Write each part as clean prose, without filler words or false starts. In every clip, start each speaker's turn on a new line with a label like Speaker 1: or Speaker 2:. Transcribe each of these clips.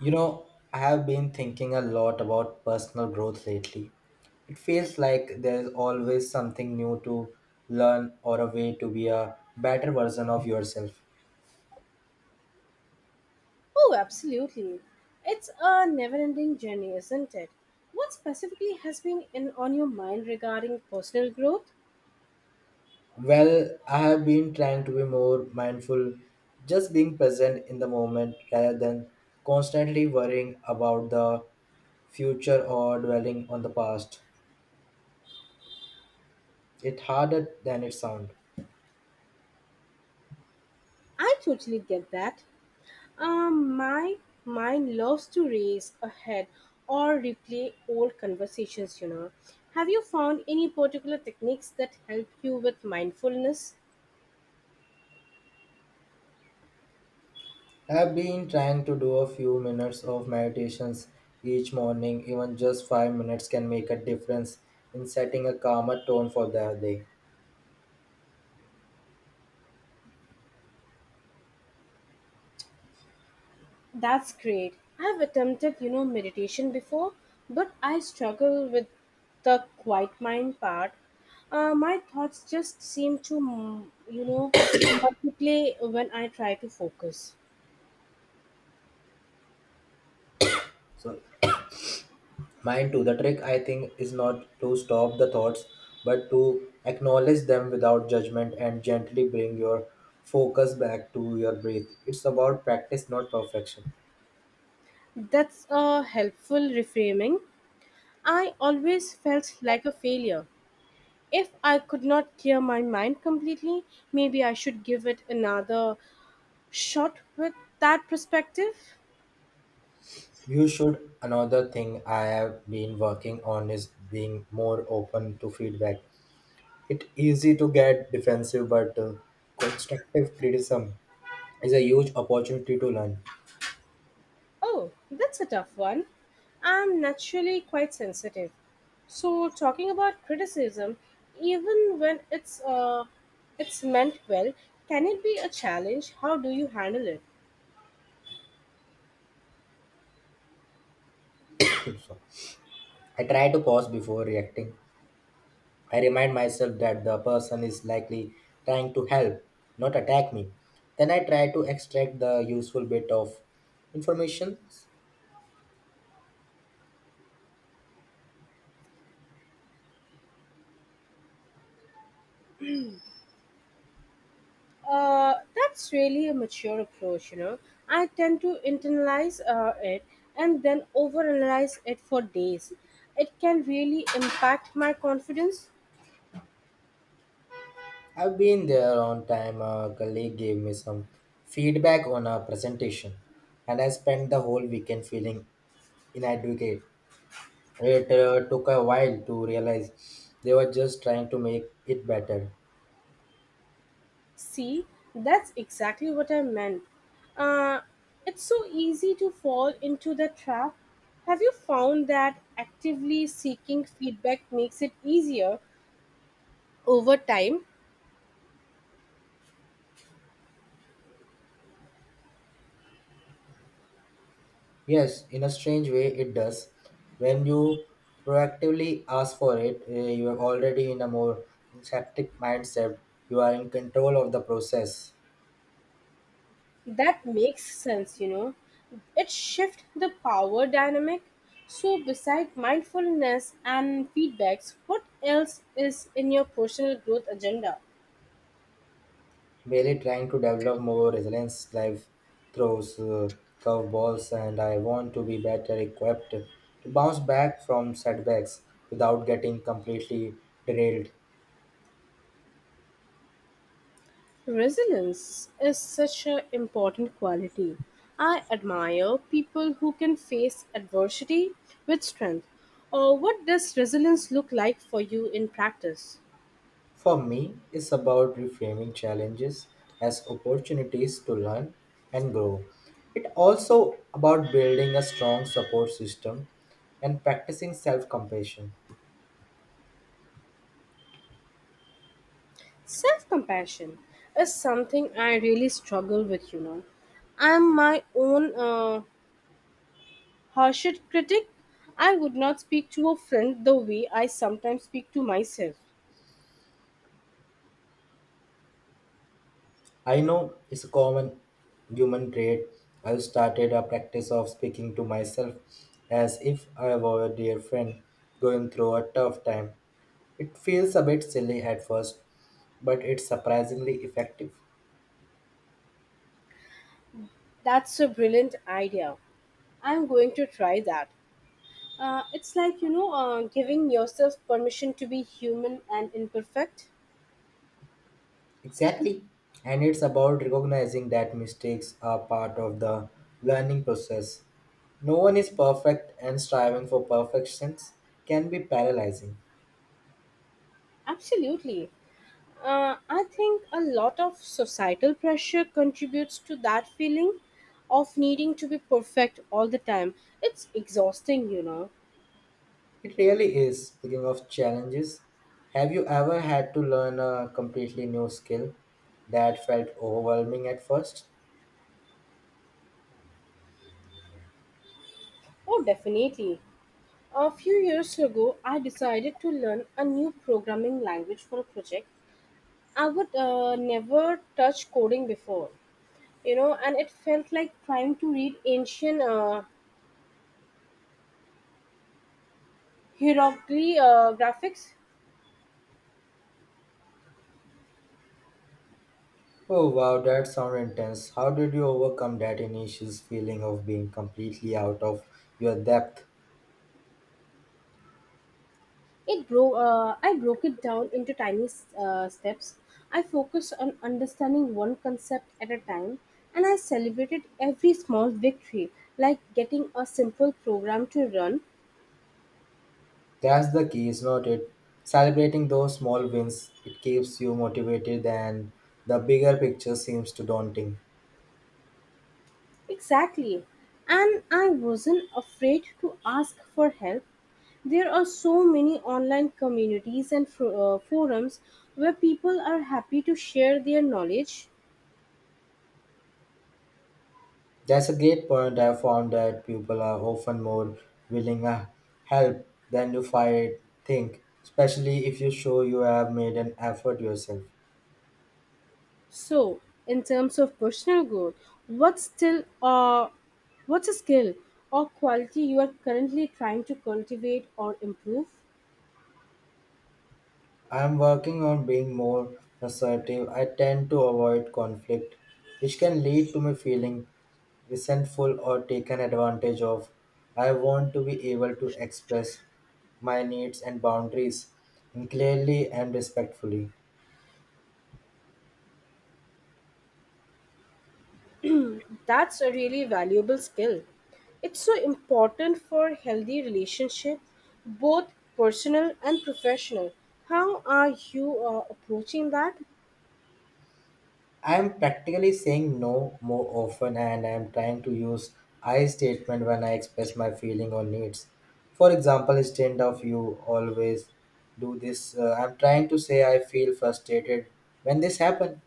Speaker 1: You know, I have been thinking a lot about personal growth lately. It feels like there's always something new to learn or a way to be a better version of yourself.
Speaker 2: Oh, absolutely. It's a never ending journey, isn't it? What specifically has been in, on your mind regarding personal growth?
Speaker 1: Well, I have been trying to be more mindful, just being present in the moment rather than constantly worrying about the future or dwelling on the past. It's harder than it sounds.
Speaker 2: I totally get that. My mind loves to race ahead or replay old conversations, you know. Have you found any particular techniques that help you with mindfulness?
Speaker 1: I've been trying to do a few minutes of meditations each morning, even just 5 minutes can make a difference in setting a calmer tone for the day.
Speaker 2: That's great. I've attempted, you know, meditation before, but I struggle with the quiet mind part. My thoughts just seem to, you know, multiply when I try to focus.
Speaker 1: So, mind too, the trick I think is not to stop the thoughts but to acknowledge them without judgment and gently bring your focus back to your breath. It's about practice, not perfection.
Speaker 2: That's a helpful reframing. I always felt like a failure. If I could not clear my mind completely, maybe I should give it another shot with that perspective.
Speaker 1: You should. Another thing I have been working on is being more open to feedback. It's easy to get defensive, but constructive criticism is a huge opportunity to learn.
Speaker 2: Oh, that's a tough one. I'm naturally quite sensitive. So talking about criticism, even when it's meant well, can it be a challenge? How do you handle it?
Speaker 1: I try to pause before reacting. I remind myself that the person is likely trying to help, not attack me. Then I try to extract the useful bit of information.
Speaker 2: That's really a mature approach, you know. I tend to internalize it and then overanalyze it for days. It can really impact my confidence.
Speaker 1: I've been there on time. A colleague gave me some feedback on a presentation, and I spent the whole weekend feeling inadequate. It took a while to realize they were just trying to make it better.
Speaker 2: See, that's exactly what I meant. Uh, it's so easy to fall into the trap. Have you found that actively seeking feedback makes it easier over time?
Speaker 1: Yes, in a strange way, it does. When you proactively ask for it, you are already in a more receptive mindset. You are in control of the process,
Speaker 2: That makes sense, you know. It shifts the power dynamic. So, beside mindfulness and feedbacks, what else is in your personal growth agenda?
Speaker 1: really trying to develop more resilience, life throws, curveballs, and I want to be better equipped to bounce back from setbacks without getting completely derailed.
Speaker 2: Resilience is such an important quality. I admire people who can face adversity with strength. Or what does resilience look like for you in practice?
Speaker 1: For me, it's about reframing challenges as opportunities to learn and grow. It also about building a strong support system and practicing self-compassion.
Speaker 2: Self compassion is something I really struggle with, you know. I'm my own harshest critic. I would not speak to a friend the way I sometimes speak to myself.
Speaker 1: I know it's a common human trait. I've started a practice of speaking to myself as if I were a dear friend going through a tough time. It feels a bit silly at first, but it's surprisingly effective.
Speaker 2: That's a brilliant idea. I'm going to try that. It's like, giving yourself permission to be human and imperfect.
Speaker 1: Exactly. And it's about recognizing that mistakes are part of the learning process. No one is perfect, and striving for perfections can be paralyzing.
Speaker 2: Absolutely. I think a lot of societal pressure contributes to that feeling of needing to be perfect all the time. It's exhausting, you know.
Speaker 1: It really is. Speaking of challenges, have you ever had to learn a completely new skill that felt overwhelming at first?
Speaker 2: Oh, definitely. A few years ago, I decided to learn a new programming language for a project. I would never touch coding before, you know, and it felt like trying to read ancient hieroglyphic graphics.
Speaker 1: Oh wow, that sounded intense. How did you overcome that initial feeling of being completely out of your depth?
Speaker 2: It broke I broke it down into tiny steps. I focused on understanding one concept at a time, and I celebrated every small victory, like getting a simple program to run.
Speaker 1: That's the key, is not it? Celebrating those small wins, it keeps you motivated and the bigger picture seems too daunting.
Speaker 2: Exactly, and I wasn't afraid to ask for help. There are so many online communities and forums where people are happy to share their knowledge.
Speaker 1: That's a great point. I found that people are often more willing to help than you fight think, especially if you show you have made an effort yourself.
Speaker 2: So, in terms of personal growth, what's still uh, what's a skill or quality you are currently trying to cultivate or improve?
Speaker 1: I'm working on being more assertive. I tend to avoid conflict, which can lead to me feeling resentful or taken advantage of. I want to be able to express my needs and boundaries and clearly and respectfully.
Speaker 2: That's a really valuable skill. It's so important for healthy relationship, both personal and professional. How are you approaching that?
Speaker 1: I'm practically saying no more often and I'm trying to use I statement when I express my feeling or needs. For example, instead of you always do this, I'm trying to say I feel frustrated when this happen.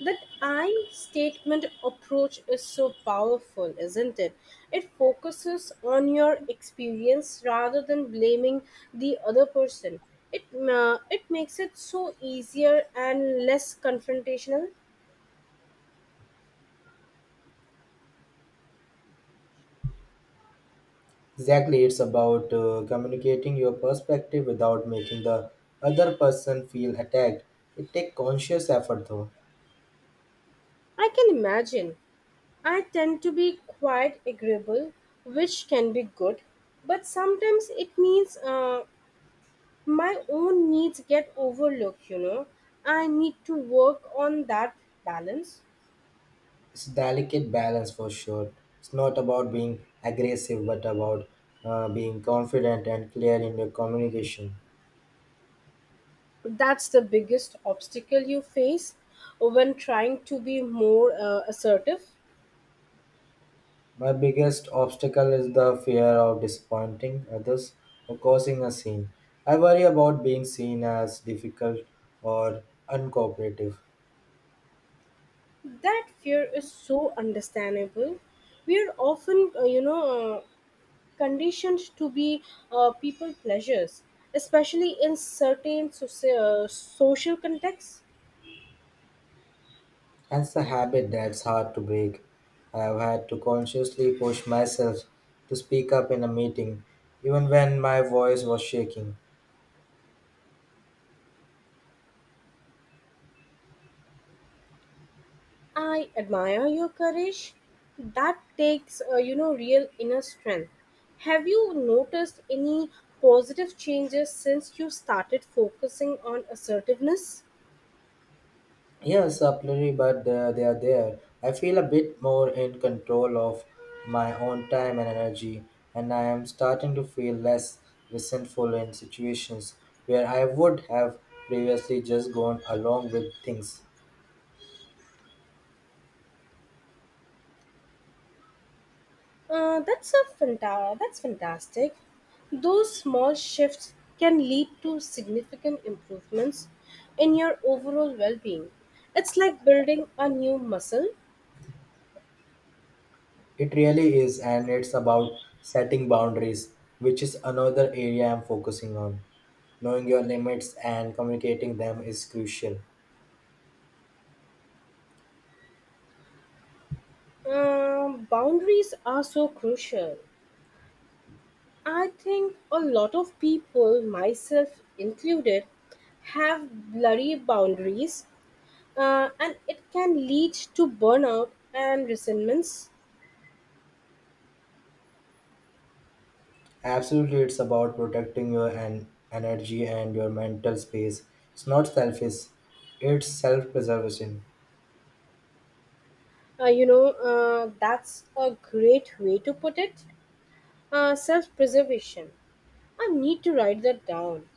Speaker 2: That I statement approach is so powerful, isn't it? It focuses on your experience rather than blaming the other person. It it makes it so easier and less confrontational.
Speaker 1: Exactly, it's about communicating your perspective without making the other person feel attacked. It takes conscious effort though.
Speaker 2: I can imagine. I tend to be quite agreeable, which can be good, but sometimes it means my own needs get overlooked. You know, I need to work on that balance.
Speaker 1: It's a delicate balance for sure. It's not about being aggressive, but about being confident and clear in your communication.
Speaker 2: That's the biggest obstacle you face when trying to be more assertive.
Speaker 1: My biggest obstacle is the fear of disappointing others or causing a scene. I worry about being seen as difficult or uncooperative.
Speaker 2: That fear is so understandable. We are often, conditioned to be people pleasers, especially in certain social contexts.
Speaker 1: That's a habit that's hard to break. I've had to consciously push myself to speak up in a meeting, even when my voice was shaking.
Speaker 2: I admire your courage. That takes, real inner strength. Have you noticed any positive changes since you started focusing on assertiveness?
Speaker 1: Yes, absolutely, but they are there. I feel a bit more in control of my own time and energy, and I am starting to feel less resentful in situations where I would have previously just gone along with things.
Speaker 2: That's fantastic. Those small shifts can lead to significant improvements in your overall well-being. It's like building a new muscle.
Speaker 1: It really is, and it's about setting boundaries, which is another area I'm focusing on. Knowing your limits and communicating them is crucial.
Speaker 2: Boundaries are so crucial. I think a lot of people, myself included, have blurry boundaries, and it can lead to burnout and resentments.
Speaker 1: Absolutely, it's about protecting your energy and your mental space. It's not selfish, it's self preservation.
Speaker 2: That's a great way to put it. Self preservation. I need to write that down.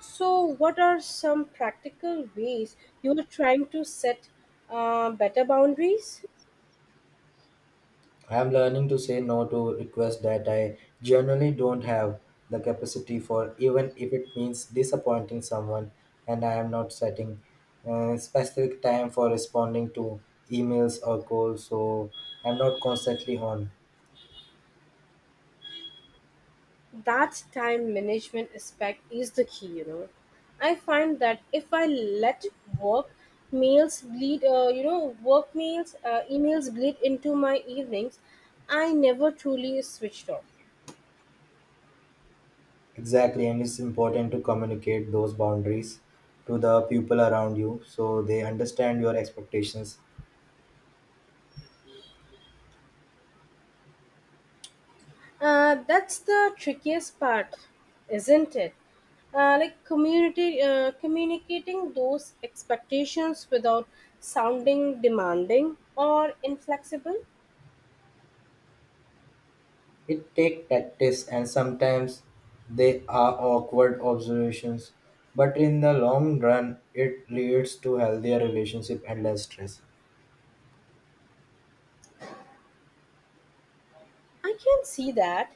Speaker 2: So, what are some practical ways you are trying to set better boundaries?
Speaker 1: I am learning to say no to requests that I generally don't have the capacity for, even if it means disappointing someone, and I am not setting specific time for responding to emails or calls, so I'm not constantly on.
Speaker 2: That time management aspect is the key, you know. I find that if I let work meals bleed you know work meals emails bleed into my evenings, I never truly switched off.
Speaker 1: Exactly, and it's important to communicate those boundaries to the people around you so they understand your expectations.
Speaker 2: That's the trickiest part, isn't it, like community communicating those expectations without sounding demanding or inflexible.
Speaker 1: It takes practice, and sometimes they are awkward observations, but in the long run, it leads to healthier relationship and less stress.
Speaker 2: I can see that.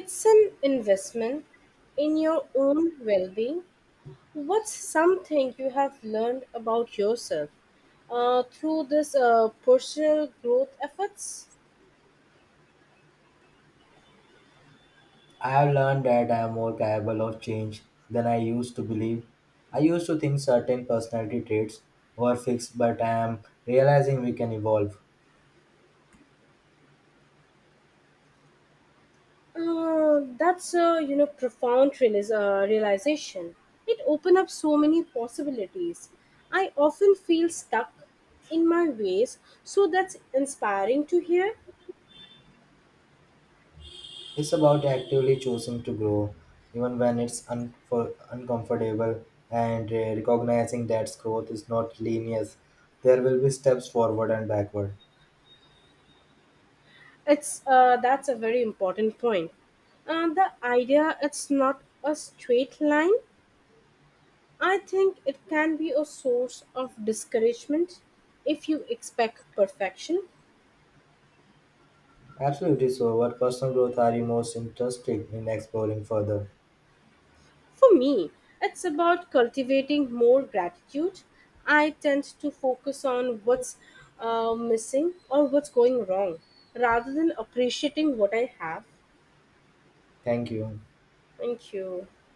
Speaker 2: It's an investment in your own well being. What's something you have learned about yourself through this personal growth efforts?
Speaker 1: I have learned that I am more capable of change than I used to believe. I used to think certain personality traits were fixed, but I am realizing we can evolve.
Speaker 2: That's a, you know, profound realization. It opened up so many possibilities. I often feel stuck in my ways, so that's inspiring to hear.
Speaker 1: It's about actively choosing to grow, even when it's un- for uncomfortable, and recognizing that growth is not linear. There will be steps forward and backward.
Speaker 2: It's that's a very important point. The idea it's not a straight line, I think it can be a source of discouragement if you expect perfection.
Speaker 1: Absolutely so. What personal growth are you most interested in exploring further?
Speaker 2: For me, it's about cultivating more gratitude. I tend to focus on what's missing or what's going wrong rather than appreciating what I have.
Speaker 1: Thank you.
Speaker 2: Thank you.